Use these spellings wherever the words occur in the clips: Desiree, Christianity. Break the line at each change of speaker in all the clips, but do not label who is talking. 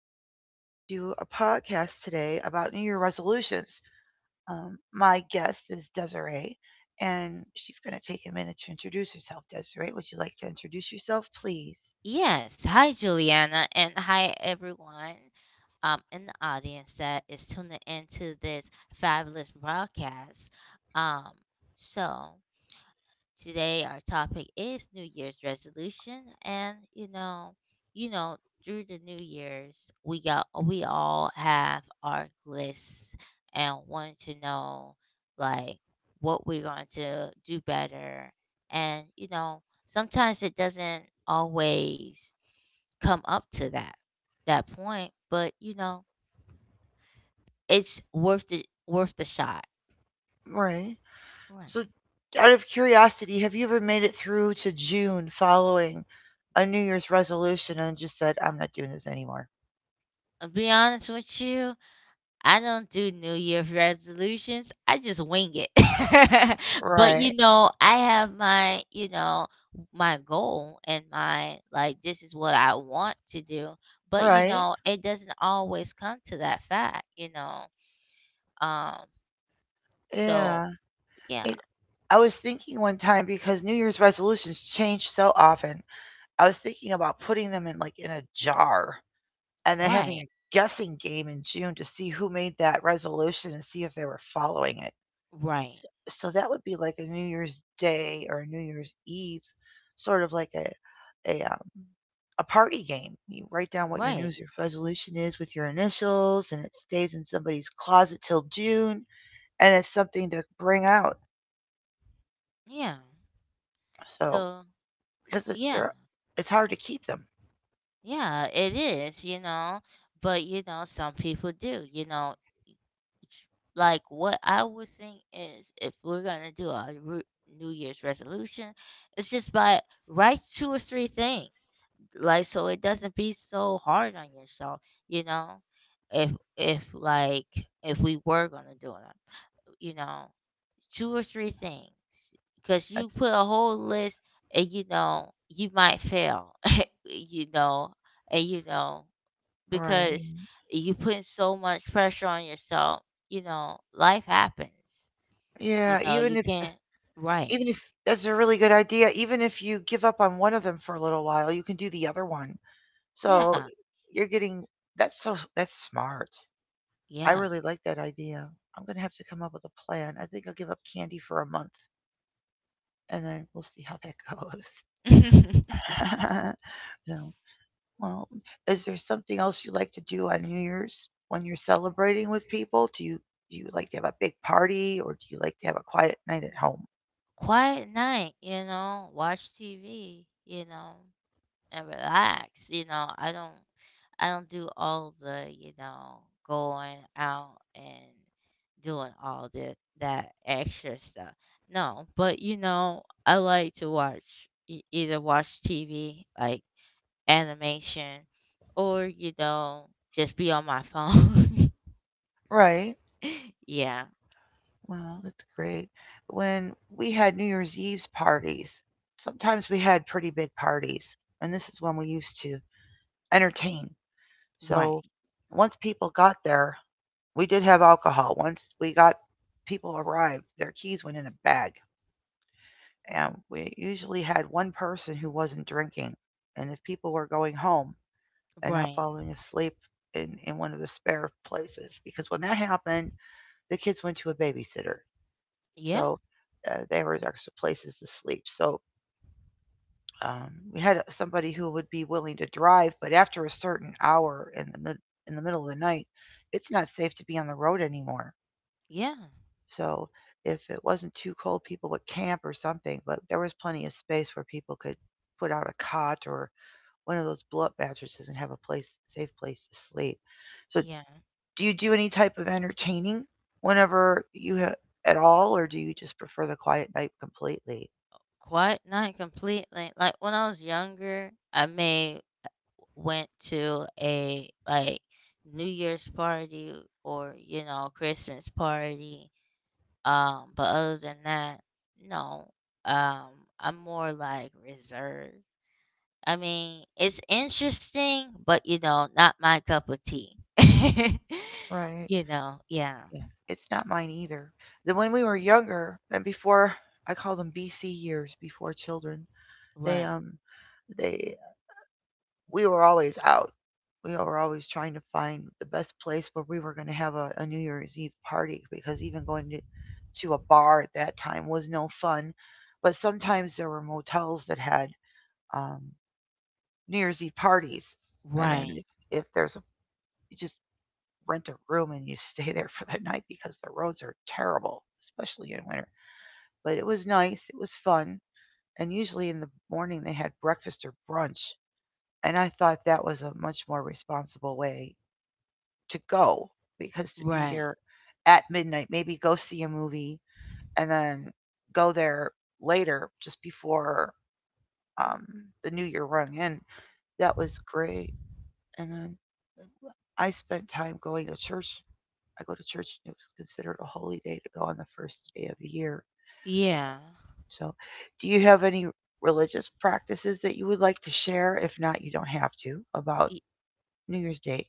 we are going to do a podcast today about New Year resolutions. My guest is Desiree, and she's going to take a minute to introduce herself. Desiree, would you like to introduce yourself, please?
Yes. Hi, Juliana, and hi, everyone, in the audience that is tuning into this fabulous broadcast. Um, so, today our topic is New Year's resolution, and you know, through the New Year's, we all have our lists and want to know like what we're going to do better, and sometimes it doesn't always come up to that point, but it's worth the shot.
Right.
Right.
So, out of curiosity, have you ever made it through to June following a New Year's resolution and just said, I'm not doing this anymore?
I'll be honest with you, I don't do New Year's resolutions. I just wing it. But
Right.
I have my, my goal and my, this is what I want to do. But
Right.
it doesn't always come to that fact. Um so
Yeah.
yeah,
It, I was thinking one time because New Year's resolutions change so often. I was thinking about putting them in like in a jar and then having
right,
a guessing game in June to see who made that resolution and see if they were following it.
right,
So that would be like a New Year's Day or a New Year's Eve, sort of like a party game. You write down what your New
right.
Year's resolution is with your initials, and it stays in somebody's closet till June, and it's something to bring out.
Yeah.
So
So
because it, they're,
yeah,
it's hard to keep them.
yeah, it is, but some people do, like what I would think is, if we're gonna do New Year's resolution, it's just by write two or three things, like so it doesn't be so hard on yourself, you know. If if like if we were gonna do it, you know, two or three things, because
That's
you put a whole list, and you might fail. you know and
right.
because you put so much pressure on yourself, life happens. You
Yeah,
know
even
you
if
can't. Right.
even if that's a really good idea, even if you give up on one of them for a little while, you can do the other one.
Yeah,
So you're getting that's so that's smart. I
yeah.
really like that idea. I'm gonna have to come up with a plan. I think I'll give up candy for a month, and then we'll see how that goes. So, well, is there something else you like to do on New Year's when you're celebrating with people? Do you like to have a big party, or do you like to have a quiet night at home?
Quiet night, watch TV, and relax. You know, I don't do all the, going out and doing all the that extra stuff. No, but I like to either watch TV, like animation, or just be on my phone.
Right.
Yeah,
Well, that's great. When we had New Year's Eve's parties, sometimes we had pretty big parties, and this is when we used to entertain.
right.
So once people got there, we did have alcohol. Once we got people arrived, their keys went in a bag, and we usually had one person who wasn't drinking. And if people were going home and not
Right.
falling asleep in one of the spare places, because when that happened, the kids went to a babysitter.
Yeah.
So there was extra places to sleep. So we had somebody who would be willing to drive, but after a certain hour in the in the middle of the night, it's not safe to be on the road anymore.
Yeah.
So if it wasn't too cold, people would camp or something. But there was plenty of space where people could put out a cot or one of those blow-up mattresses and have a place safe place to sleep. So
Yeah.
do you do any type of entertaining whenever you ha- at all, or do you just prefer the quiet night completely?
Quite not completely. Like when I was younger, I made went to a, New Year's party or Christmas party. But other than that, no. Um, I'm more like reserved. I mean, it's interesting, but not my cup of tea.
Right.
Yeah,
Yeah. It's not mine either. Then when we were younger and before I call them BC years before children, they
right,
um they we were always out. We were always trying to find the best place where we were going to have a New Year's Eve party because even going to a bar at that time was no fun. But sometimes there were motels that had um, New Year's Eve parties, and then
right,
if there's a you just rent a room and you stay there for that night because the roads are terrible, especially in winter. But it was nice, it was fun, and usually in the morning they had breakfast or brunch. And I thought that was a much more responsible way to go because to be
right,
there at midnight, maybe go see a movie and then go there later just before um, the new year rung in, that was great. And then I spent time going to church. I go to church, and it was considered a holy day to go on the first day of the year.
yeah.
So, do you have any religious practices that you would like to share? If not, you don't have to about
Y-
New Year's Day.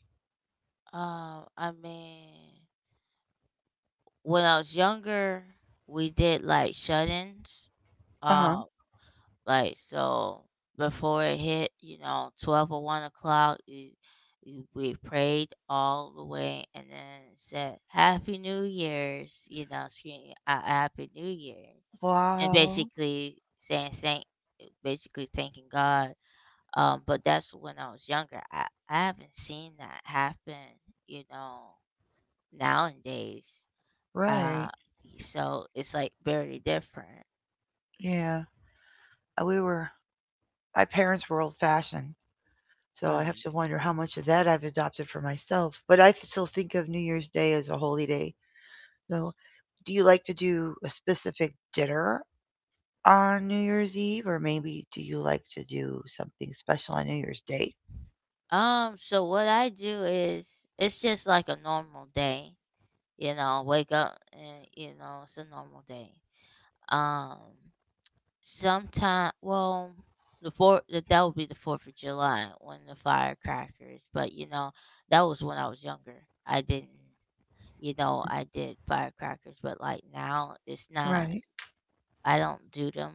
I mean, when I was younger, we did like shut-ins.
Uh huh.
um. Like so, before it hit, 12 or 1 o'clock, we prayed all the way, and then said, "Happy New Year's." You know, screaming out, "Happy New Year's," and
Wow.
basically basically thanking God. But that's when I was younger. I haven't seen that happen. You know, nowadays. Uh,
Right.
so it's like barely different,
Yeah. We were, my parents were old fashioned. So I have
right?
to wonder how much of that I've adopted for myself. But I still think of New Year's Day as a holy day. So, do you like to do a specific dinner on New Year's Eve? Or maybe do you like to do something special on New Year's Day?
So what I do is, it's just like a normal day, wake up, and it's a normal day. Um Sometime, well, the fourth, that would be the fourth of July, when the firecrackers, but that was when I was younger. I didn't, I did firecrackers, but like now it's not,
Right.
I don't do them,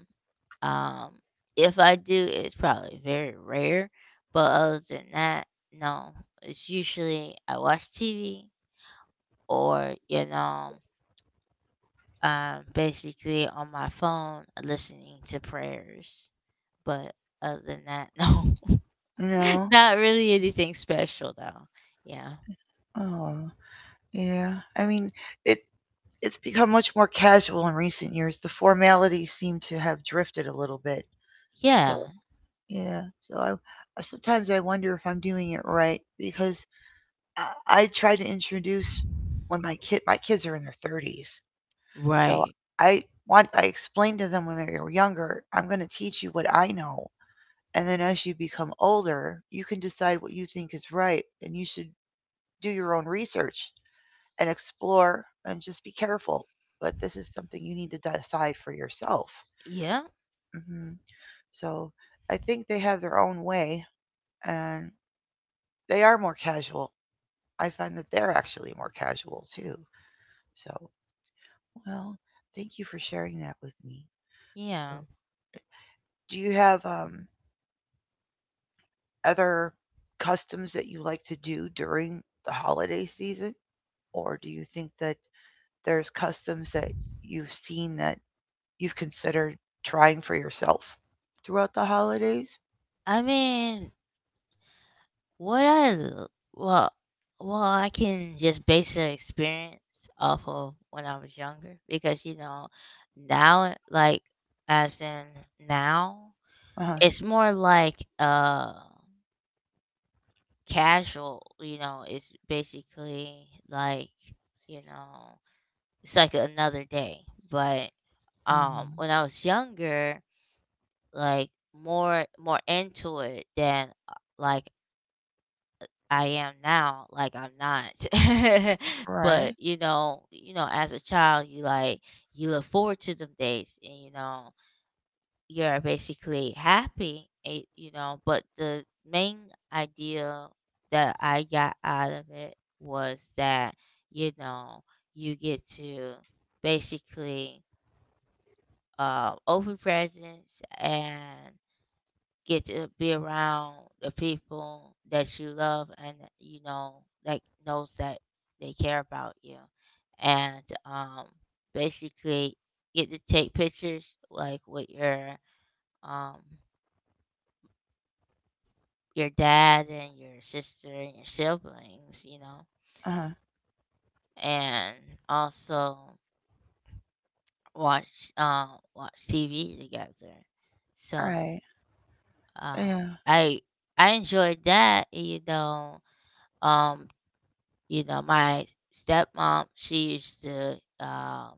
um, if I do, it's probably very rare. But other than that, no. It's usually I watch TV, or basically on my phone listening to prayers. But other than that, no,
No.
not really anything special though. Yeah,
Oh. Yeah, I mean, it it's become much more casual in recent years. The formalities seem to have drifted a little bit. So,
yeah,
yeah. So sometimes I wonder if I'm doing it right because I try to introduce when my kid my kids are in their 30s. So
right,
I I explain to them when they were younger, I'm going to teach you what I know. And then as you become older, you can decide what you think is right and you should do your own research and explore and just be careful. But this is something you need to decide for yourself.
yeah,
Hmm. So I think they have their own way and they are more casual. I find that they're actually more casual too. So, well, thank you for sharing that with me. So,
yeah.
do you have other customs that you like to do during the holiday season? Or do you think that there's customs that you've seen that you've considered trying for yourself throughout the holidays?
I mean, What I l- well well I can just base the experience off of when I was younger, because now like, as in, now
Uh huh.
it's more like casual, it's basically, like you know, it's like another day. But
Mm-hmm.
when I was younger, like more into it than, like I am now, like I'm not.
Right.
But as a child, you look forward to them days, and you're basically happy. But the main idea that I got out of it was that, you know you get to basically, open presents and get to be around the people that you love, and that, you know, like, knows that they care about you, and um basically get to take pictures like with your, um your dad and your sister and your siblings, you know.
Uh huh.
And also watch um watch TV together. So,
Right.
um
Yeah.
i I enjoyed that, you know. um You know, my stepmom, she used to, um,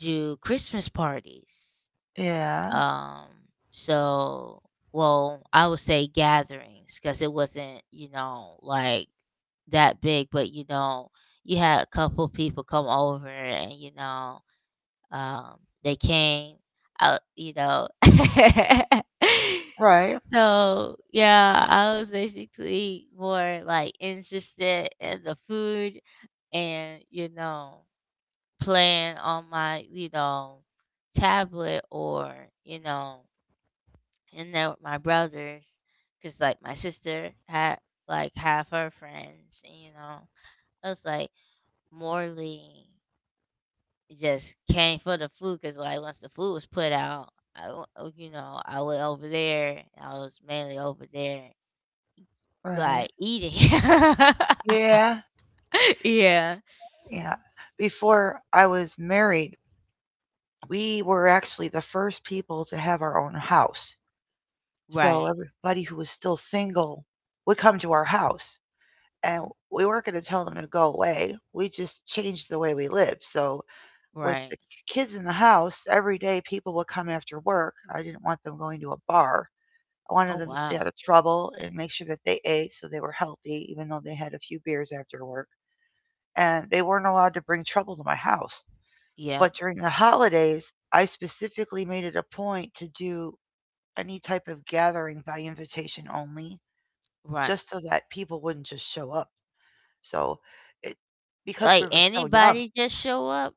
do Christmas parties.
Yeah.
Um, so, well, I would say gatherings, because it wasn't, like that big, but you had a couple people come over, and, um, they came out.
Right.
So yeah, I was basically more like interested in the food and playing on my, tablet, or you know in there with my brothers, because like my sister had like half her friends, and, I was like morley just came for the food, because like once the food was put out, I, w- you know I went over there, I was mainly over there
Right.
like eating.
Yeah.
Yeah,
Yeah. Before I was married, we were actually the first people to have our own house. So
right,
everybody who was still single would come to our house. And we weren't going to tell them to go away. We just changed the way we lived. So with
right,
the kids in the house, every day people would come after work. I didn't want them going to a bar. I wanted
oh
them to stay out of
wow,
trouble and make sure that they ate so they were healthy, even though they had a few beers after work. And they weren't allowed to bring trouble to my house.
yeah,
But during the holidays, I specifically made it a point to do any type of gathering by invitation only,
right.
just so that people wouldn't just show up. So it because we
Like
were so young.
anybody just show up?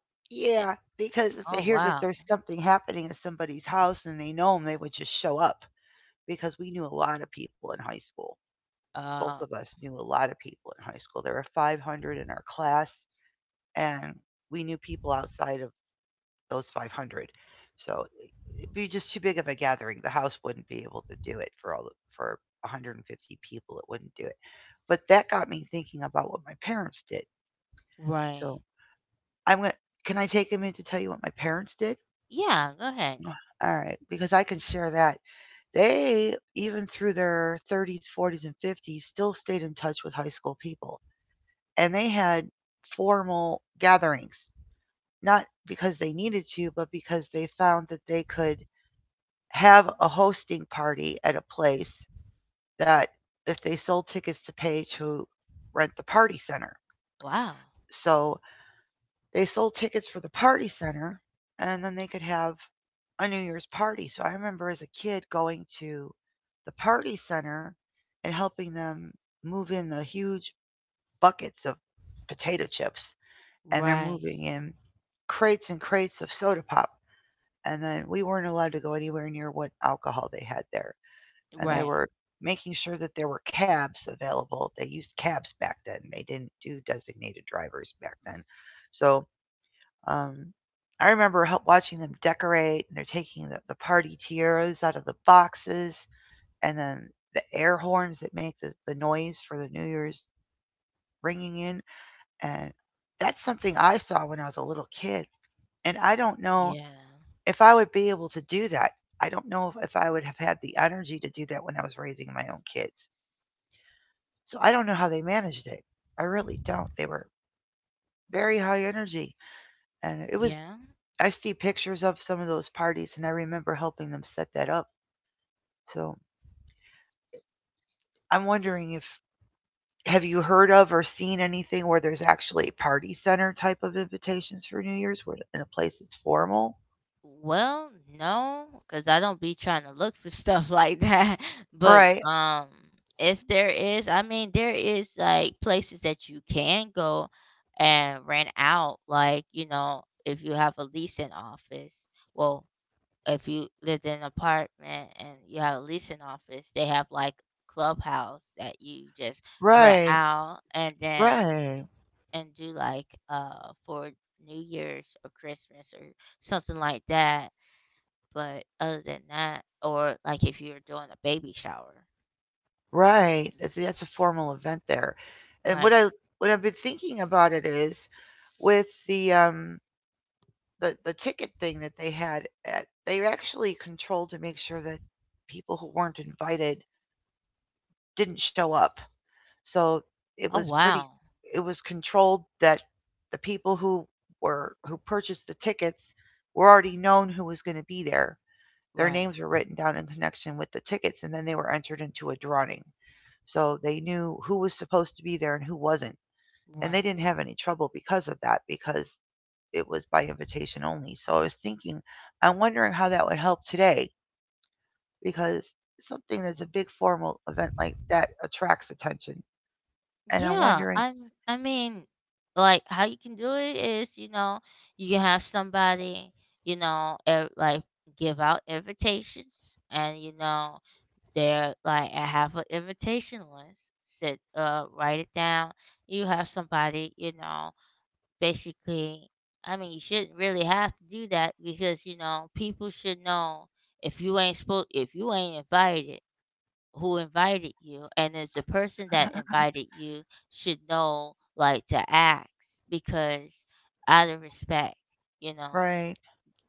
Eh,
Yeah, because if they
oh
hear that
wow.
there's something happening at somebody's house and they know them, they would just show up because we knew a lot of people in high school. Both
Uh,
of us knew a lot of people in high school. There were 500 in our class, and we knew people outside of those 500. So it'd be just too big of a gathering. The house wouldn't be able to do it for for 150 people. It wouldn't do it. But that got me thinking about what my parents did.
right.
So I'm gonna. Can I take a minute to tell you what my parents did?
Yeah, go ahead.
All right, because I can share that. They, even through their 30s, 40s, and 50s, still stayed in touch with high school people. And they had formal gatherings, not because they needed to, but because they found that they could have a hosting party at a place that if they sold tickets to pay to rent the party center.
Wow.
So they sold tickets for the party center, and then they could have a New Year's party. So I remember as a kid going to the party center and helping them move in the huge buckets of potato chips, and they're
Right.
moving in crates and crates of soda pop. And then we weren't allowed to go anywhere near what alcohol they had there. And they
Right.
were making sure that there were cabs available. They used cabs back then, they didn't do designated drivers back then. So um, I remember help watching them decorate, and they're taking the party tiaras out of the boxes, and then the air horns that make the noise for the New Year's ringing in. And that's something I saw when I was a little kid. And I don't know
Yeah.
if I would be able to do that. I don't know if I would have had the energy to do that when I was raising my own kids. So I don't know how they managed it. I really don't. They were very high energy, and it was
Yeah.
I see pictures of some of those parties, and I remember helping them set that up. So I'm wondering if have you heard of or seen anything where there's actually party center type of invitations for New Year's, where in a place that's formal?
Well, no, cuz I don't be trying to look for stuff like that. But
Right,
if there is, I mean, there is like places that you can go and rent out, like, if you have a leasing office. Well, if you lived in an apartment and you had a leasing office, they have like clubhouse that you just rent
right,
out, and then
right,
and do, like, for New Year's or Christmas or something like that. But other than that, or like if you're doing a baby shower.
right. That's a formal event there. And what
Right.
I What I've been thinking about it is with the ticket thing that they had at they actually controlled to make sure that people who weren't invited didn't show up. So it
Oh
was pretty,
wow.
it was controlled that the people who were who purchased the tickets were already known who was going to be there. Their
Right.
names were written down in connection with the tickets and then they were entered into a drawing. So they knew who was supposed to be there and who wasn't. And
Right.
they didn't have any trouble because of that because it was by invitation only. So I was thinking, I'm wondering how that would help today because something that's a big formal event like that attracts attention. And I'm
Yeah,
wondering,
I mean, like how you can do it is, you can have somebody, like give out invitations, and they're like, I have an invitation list. Sit write it down. You have somebody, basically, I mean, you shouldn't really have to do that, because, people should know, if you ain't invited, who invited you, and if the person that invited you should know, like, to ask, because, out of respect, you know
right?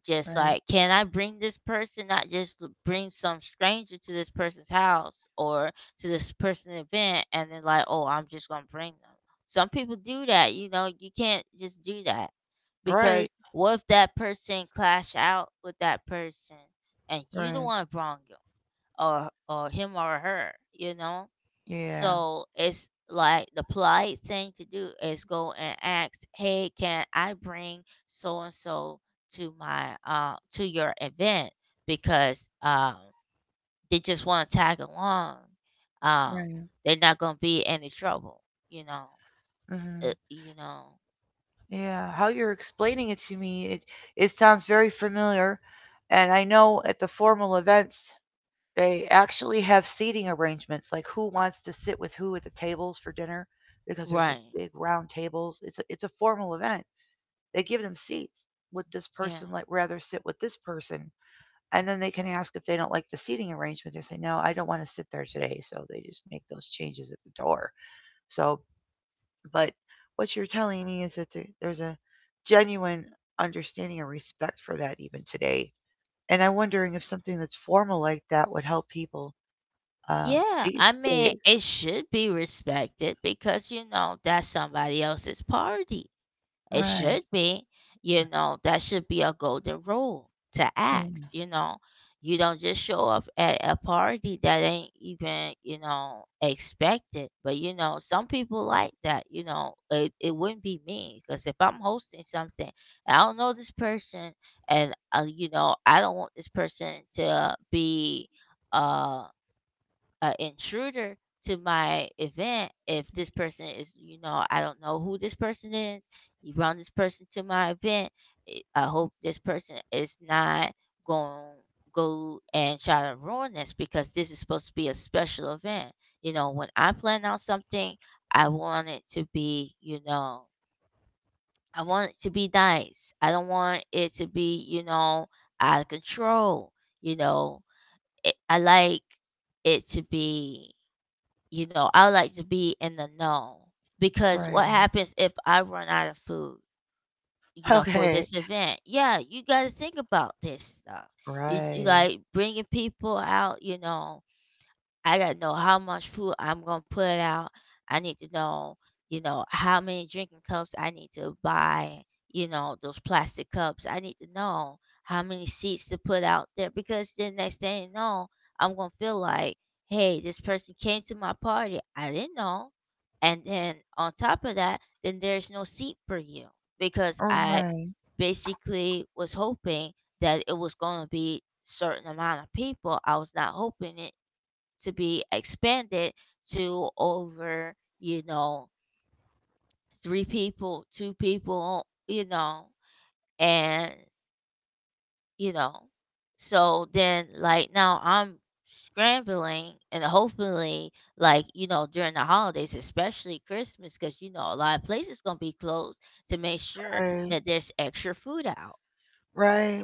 just
Right.
like, can I bring this person, not just bring some stranger to this person's house or to this person's event, and then like, oh, I'm just gonna bring them. Some people do that, you can't just do that, because
Right.
what if that person clash out with that person, and you the
Right.
one wrong, or him or her, you know.
Yeah.
So it's like the polite thing to do is go and ask, "Hey, can I bring so and so to your event?" Because they just want to tag along. Um,
Right.
they're not gonna be any trouble, you know. Uh,
hmm
you know,
Yeah. How you're explaining it to me, it sounds very familiar, and I know at the formal events they actually have seating arrangements, like who wants to sit with who at the tables for dinner, because there's those
right?
big round tables. It's a formal event. They give them seats. Would this
Yeah.
person like rather sit with this person? And then they can ask if they don't like the seating arrangement. They say, "No, I don't want to sit there today," so they just make those changes at the door. So But what you're telling me is that there's a genuine understanding and respect for that even today. And I'm wondering if something that's formal like that would help people
Yeah,
these
I mean,
days.
it should be respected, because that's somebody else's party. It
Right.
should be, you know, that should be a golden rule to
Yeah.
ask, you know. You don't just show up at a party that ain't even, expected. But, some people like that, it wouldn't be me, because if I'm hosting something, I don't know this person, and, I don't want this person to be, uh, a intruder to my event. If this person is, I don't know who this person is, you brought this person to my event. I hope this person is not going to go and try to ruin this, because this is supposed to be a special event. You know, when I plan out something, I want it to be you know I want it to be nice. I don't want it to be, out of control, you know it, i like it to be I like to be in the know, because
Right.
what happens if I run out of food, for
Okay.
this event? Yeah, you got to think about this stuff. You
Right.
like bringing people out, I gotta know how much food I'm gonna put out. I need to know, how many drinking cups I need to buy, those plastic cups. I need to know how many seats to put out there, because the next thing you know, I'm gonna feel like, hey, this person came to my party, I didn't know. And then on top of that, then there's no seat for you, because I
Right.
basically was hoping that it was going to be certain amount of people. I was not hoping it to be expanded to over, three people, two people, and, you know, so then like now I'm scrambling, and hopefully, during the holidays, especially Christmas, because a lot of places gonna be closed, to make sure
Right.
that there's extra food out.
Right.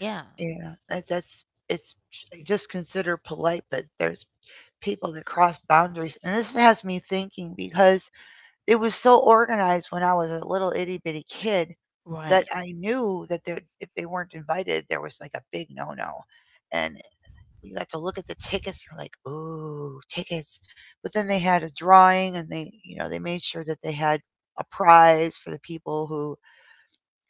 Yeah,
Yeah. That, that's it's just considered polite, but there's people that cross boundaries, and this has me thinking because it was so organized when I was a little itty bitty kid that
right,
I knew that there, if they weren't invited, there was like a big no-no. And you got to look at the tickets. You're like, ooh, tickets. But then they had a drawing, and they, you know, they made sure that they had a prize for the people who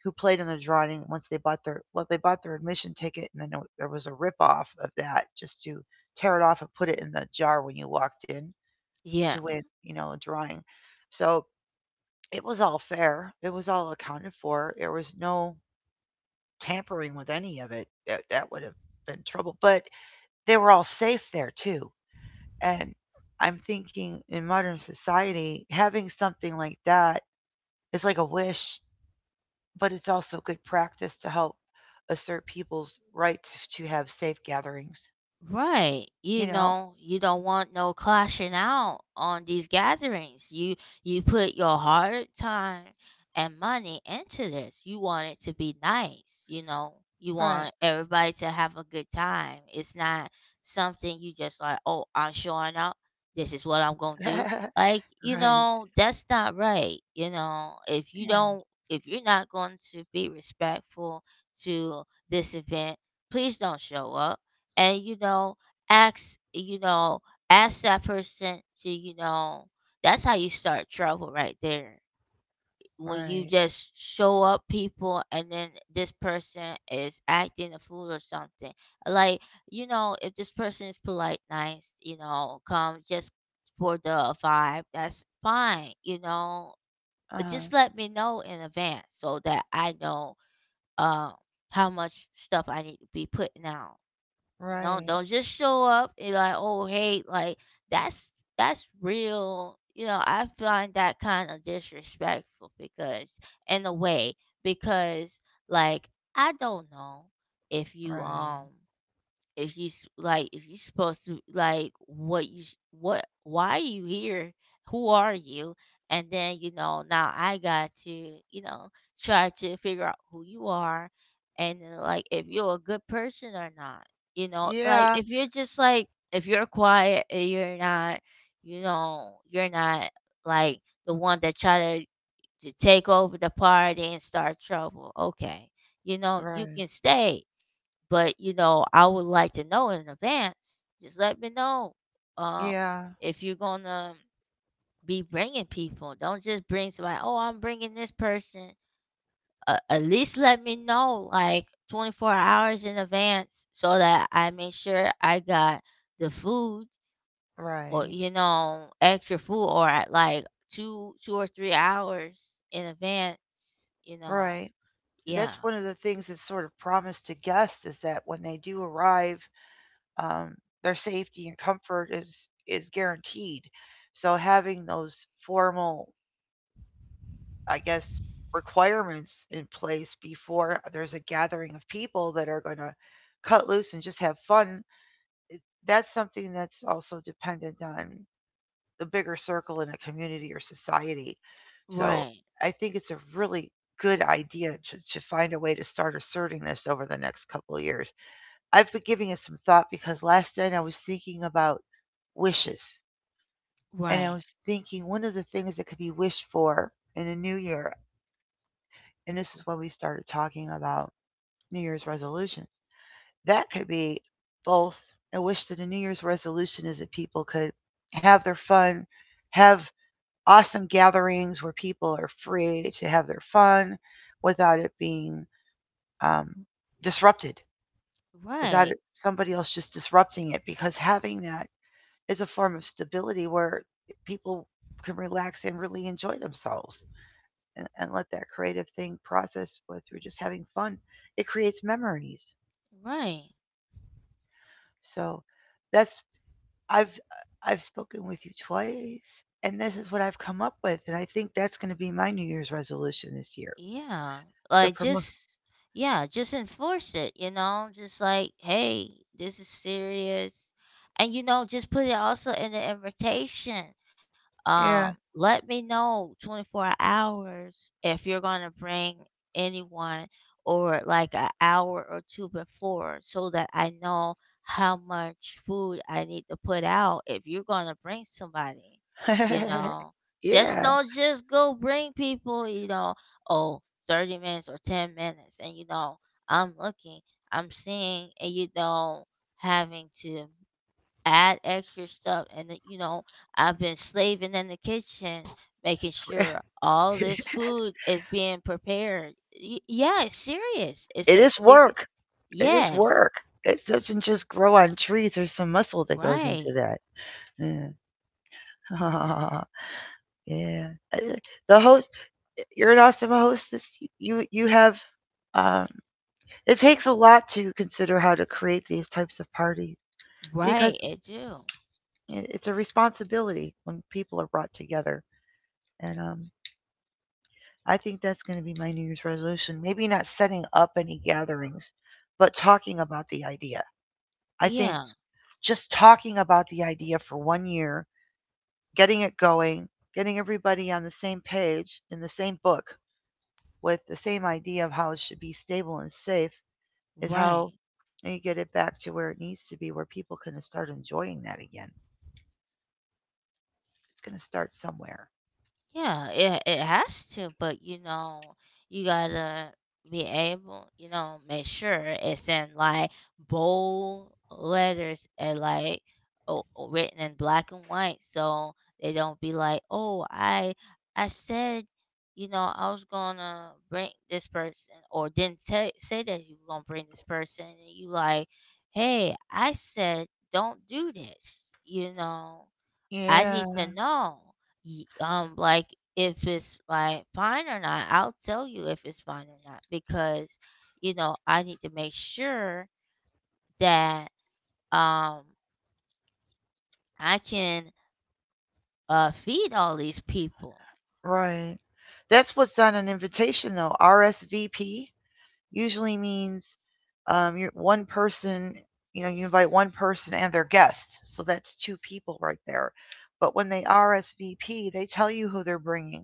played in the drawing once they bought their they bought their admission ticket and then there was a rip off of that just to tear it off and put it in the jar when you walked in to
yeah.
win, you know, a drawing. So it was all fair, it was all accounted for, there was no tampering with any of it, that would have been trouble. But they were all safe there too. And I'm thinking in modern society, having something like that is like a wish, but it's also good practice to help assert people's right to have safe gatherings,
Right. You
you know?
know, you don't want no clashing out on these gatherings. You put your hard time and money into this. You want it to be nice, you know. You
Right.
want everybody to have a good time. It's not something you just like, "Oh, I'm showing up. This is what I'm going to do."
Right.
Like, you know, that's not right. You know,
Yeah.
if you're not going to be respectful to this event, please don't show up and ask you know ask that person to, you know, that's how you start trouble right there, when you
Right.
just show up people and then this person is acting a fool or something. Like, you know, if this person is polite, nice, you know, come just for the vibe, that's fine, you know.
Uh huh.
Just let me know in advance so that I know um how much stuff I need to be putting out, you know.
Right.
Don't just show up and like, "Oh, hey," like that's that's real. You know, I find that kind of disrespectful because, in a way, because like I don't know if you
Right.
like if you are supposed to like what, why are you here, who are you? And then, you know, now I got to, you know, try to figure out who you are and like if you're a good person or not. You know, like
Yeah.
if you're just like, if you're quiet and you're not, you know, you're not like the one that to take over the party and start trouble, okay, you know, you
Right.
can stay. But, you know, I would like to know in advance. Just let me know, um,
Yeah.
if you're gonna be bringing people. Don't just bring somebody, "Oh, I'm bringing this person." At least let me know, like, 24 hours in advance so that I make sure I got the food, or,
Right.
you know, extra food, or at, like, 2 or 3 hours in advance, you know.
Right.
Yeah.
That's one of the things that's sort of promised to guests is that when they do arrive, um, their safety and comfort is guaranteed. So having those formal, I guess, requirements in place before there's a gathering of people that are going to cut loose and just have fun, that's something that's also dependent on the bigger circle in a community or society. So
Right.
I think it's a really good idea to find a way to start asserting this over the next couple of years. I've been giving it some thought because last night I was thinking about wishes. And I
Right.
was thinking one of the things that could be wished for in a new year, and this is when we started talking about New Year's resolutions, that could be both a wish that a New Year's resolution is that people could have their fun, have awesome gatherings where people are free to have their fun without it being um, disrupted, without
Right.
it, somebody else just disrupting it. Because having that is a form of stability where people can relax and really enjoy themselves and let that creative thing process what through just having fun. It creates memories.
Right.
So that's I've I've spoken with you twice and this is what I've come up with and I think that's going to be my new year's resolution this year.
Yeah.
The
Like
promotion.
just Yeah, just enforce it, you know? Just like, hey, this is serious. And you know, just put it also in the invitation.
Yeah.
Let me know 24 hours if you're going to bring anyone, or like an hour or two before, so that I know how much food I need to put out if you're going to bring somebody. You know, just
Yeah.
don't just go bring people, you know. Oh, 30 minutes or 10 minutes, and you know, i'm looking I'm seeing, and you know, having to add extra stuff, and that, you know, I've been slaving in the kitchen making
br-
sure all this food is being prepared. Yeah, it's serious.
It is work. It is
Yes.
work. It doesn't just grow on trees. There's some muscle that goes into
Right.
that. Yeah. Yeah. Uh, uh, The host, you're an awesome hostess. You have. Um, it takes a lot to consider how to create these types of parties because
Right, it do.
it's a responsibility when people are brought together. And I think that's going to be my New Year's resolution. Maybe not setting up any gatherings, but talking about the idea. I think
Yeah.
just talking about the idea for one year, getting it going, getting everybody on the same page in the same book with the same idea of how it should be stable and safe is
Right.
how you get it back to where it needs to be, where people can start enjoying that again. It's going to start somewhere.
Yeah, it has to, but you know, you gotta be able, you know, make sure it's in like bold letters, and like written in black and white, so they don't be like, "Oh, I said, you know, I was gonna bring this person," or didn't say that you were gonna bring this person, and you like, "Hey, I said don't do this," you know. I
Yeah,
need to know, like if it's like fine or not. I'll tell you if it's fine or not, because, you know, I need to make sure that um I can feed all these people.
right. That's what's on an invitation, though. RSVP usually means you're one person, you know, you invite one person and their guest. So that's two people right there. But when they RSVP, they tell you who they're bringing,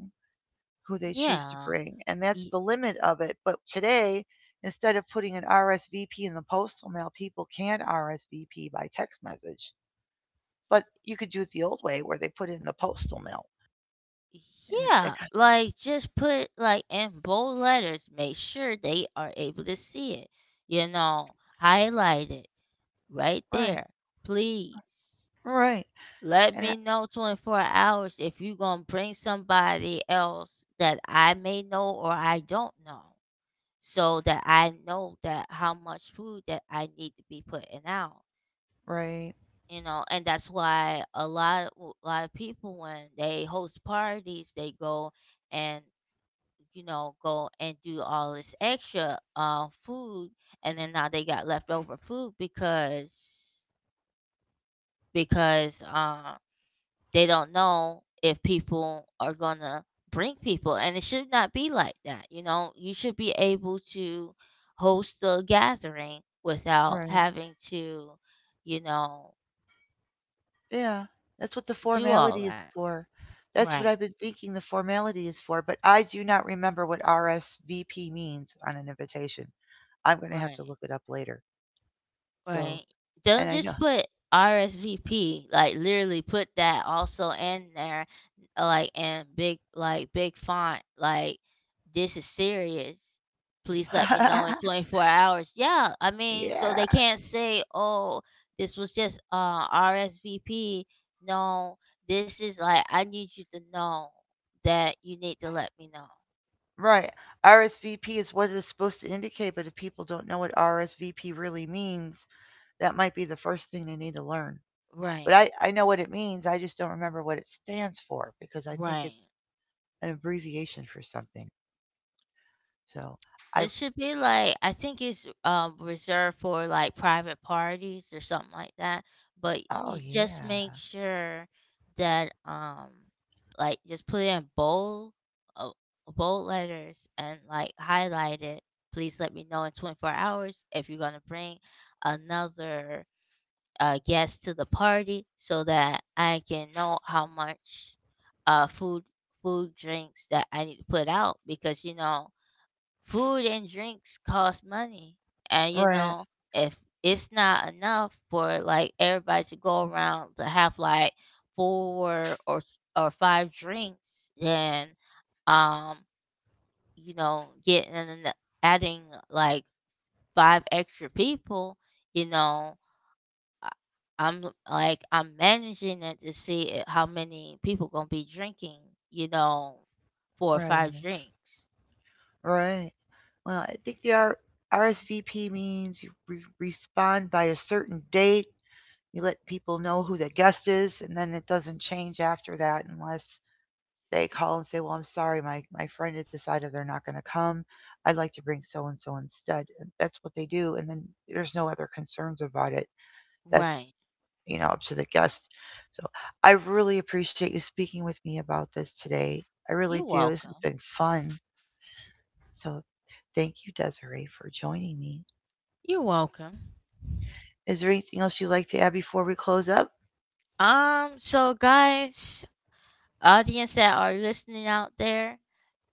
who they choose to
Yeah.
bring. And that's
y-
the limit of it. But today, instead of putting an RSVP in the postal mail, people can RSVP by text message. But you could do it the old way where they put it in the postal mail. And that
yeah.
kind
Like just put like in bold letters. Make sure they are able to see it. You know, highlight it right
of, right,
there, please.
right.
Let
And I,
me know 24 hours if you gonna bring somebody else that I may know or I don't know, so that I know that how much food that I need to be putting out,
right,
you know? And that's why a lot of people, when they host parties, they go and, you know, go and do all this extra, food, and then now they got leftover food because because, uh they don't know if people are gonna bring people. And it should not be like that, you know. You should be able to host a gathering without
right.
having to, you know,
Yeah, that's what the
do all
formality is
that.
for. That's what I've
Right.
been thinking the formality is for, but I do not remember what RSVP means on an invitation. I'm going to have
Right.
to look it up later. So,
Right. Don't
and I know.
just put RSVP. Like literally put that also in there, like in big, like big font. Like this is serious. Please let me know in 24 hours. Yeah, I mean, so
Yeah,
they can't say, "Oh, this was just RSVP." No, this is like I need you to know that you need to let me know.
right. RSVP is what it's supposed to indicate, but if people don't know what RSVP really means, that might be the first thing they need to learn. But
Right.
I know what it means. I just don't remember what it stands for because I think
Right.
it's an abbreviation for something. So I,
It should be like, I think it's reserved for like private parties or something like that. But
oh
you just
yeah.
make sure that like just put it in bold, uh, bold letters, and like highlight it. Please let me know in 24 hours if you're gonna bring another guest to the party, so that I can know how much uh food food, drinks that I need to put out, because you know, food and drinks cost money. And you
Right.
know, if it's not enough for like everybody to go around to have like four or five drinks, then um, you know, adding like five extra people, you know, I- like I'm managing it to see how many people gonna be drinking, you know, four or
Right.
five drinks.
Right. Well, I think the RSVP means you respond by a certain date. You let people know who the guest is, and then it doesn't change after that unless they call and say, "Well, I'm sorry, my friend has decided they're not going to come. I'd like to bring so and so instead." And that's what they do, and then there's no other concerns about it. That's,
Right.
you know, up to the guest. So I really appreciate you speaking with me about this today. I
You're
really do. This has
welcome.
been fun. So thank you, Desiree, for joining me.
You're welcome.
Is there anything else you'd like to add before we close up?
So guys, audience that are listening out there,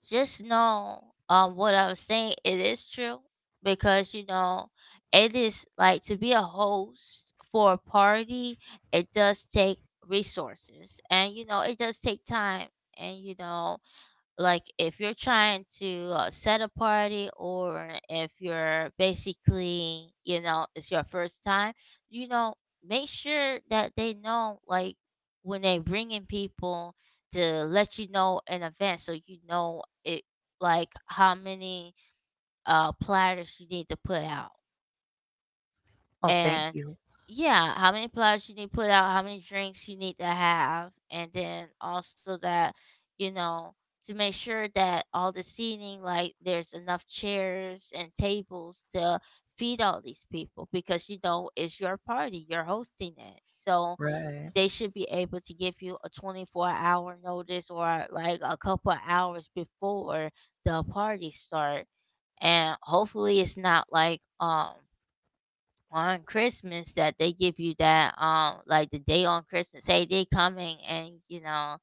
just know what I was saying, it is true. Because you know, it is like to be a host for a party, it does take resources, and you know, it does take time. And you know, like if you're trying to set a party, or if you're basically, you know, it's your first time, you know, make sure that they know, like when they bring in people, to let you know in advance, so you know it, like how many platters you need to put out,
Oh, thank
and
you.
yeah, how many plugs you need to put out, how many drinks you need to have, and then also that, you know, to make sure that all the seating, like there's enough chairs and tables to feed all these people, because you know it's your party, you're hosting it, so
Right.
they should be able to give you a 24-hour notice, or like a couple of hours before the party start. And hopefully it's not like on Christmas that they give you that like the day on Christmas. Hey, they coming, and you know,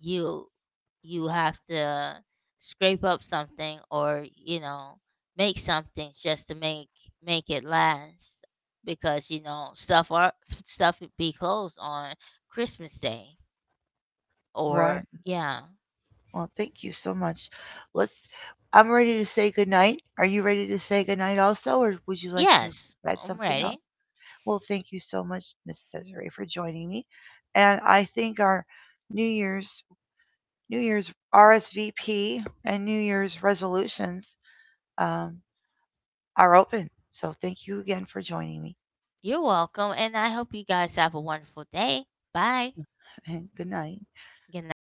you you have to scrape up something, or, you know, make something just to make it last, because you know stuff are stuff would be closed on Christmas Day,
Right.
or yeah.
Well, thank you so much. Let's, I'm ready to say goodnight. Are you ready to say goodnight also, or would you like to
Yes,
add
I'm
something else?
ready.
Well, thank you so much, Miss Desiree, for joining me. And I think our New Year's New Year's RSVP and New Year's resolutions um, are open. So thank you again for joining me
You're welcome, and I hope you guys have a wonderful day. Bye.
and good night.
Good night.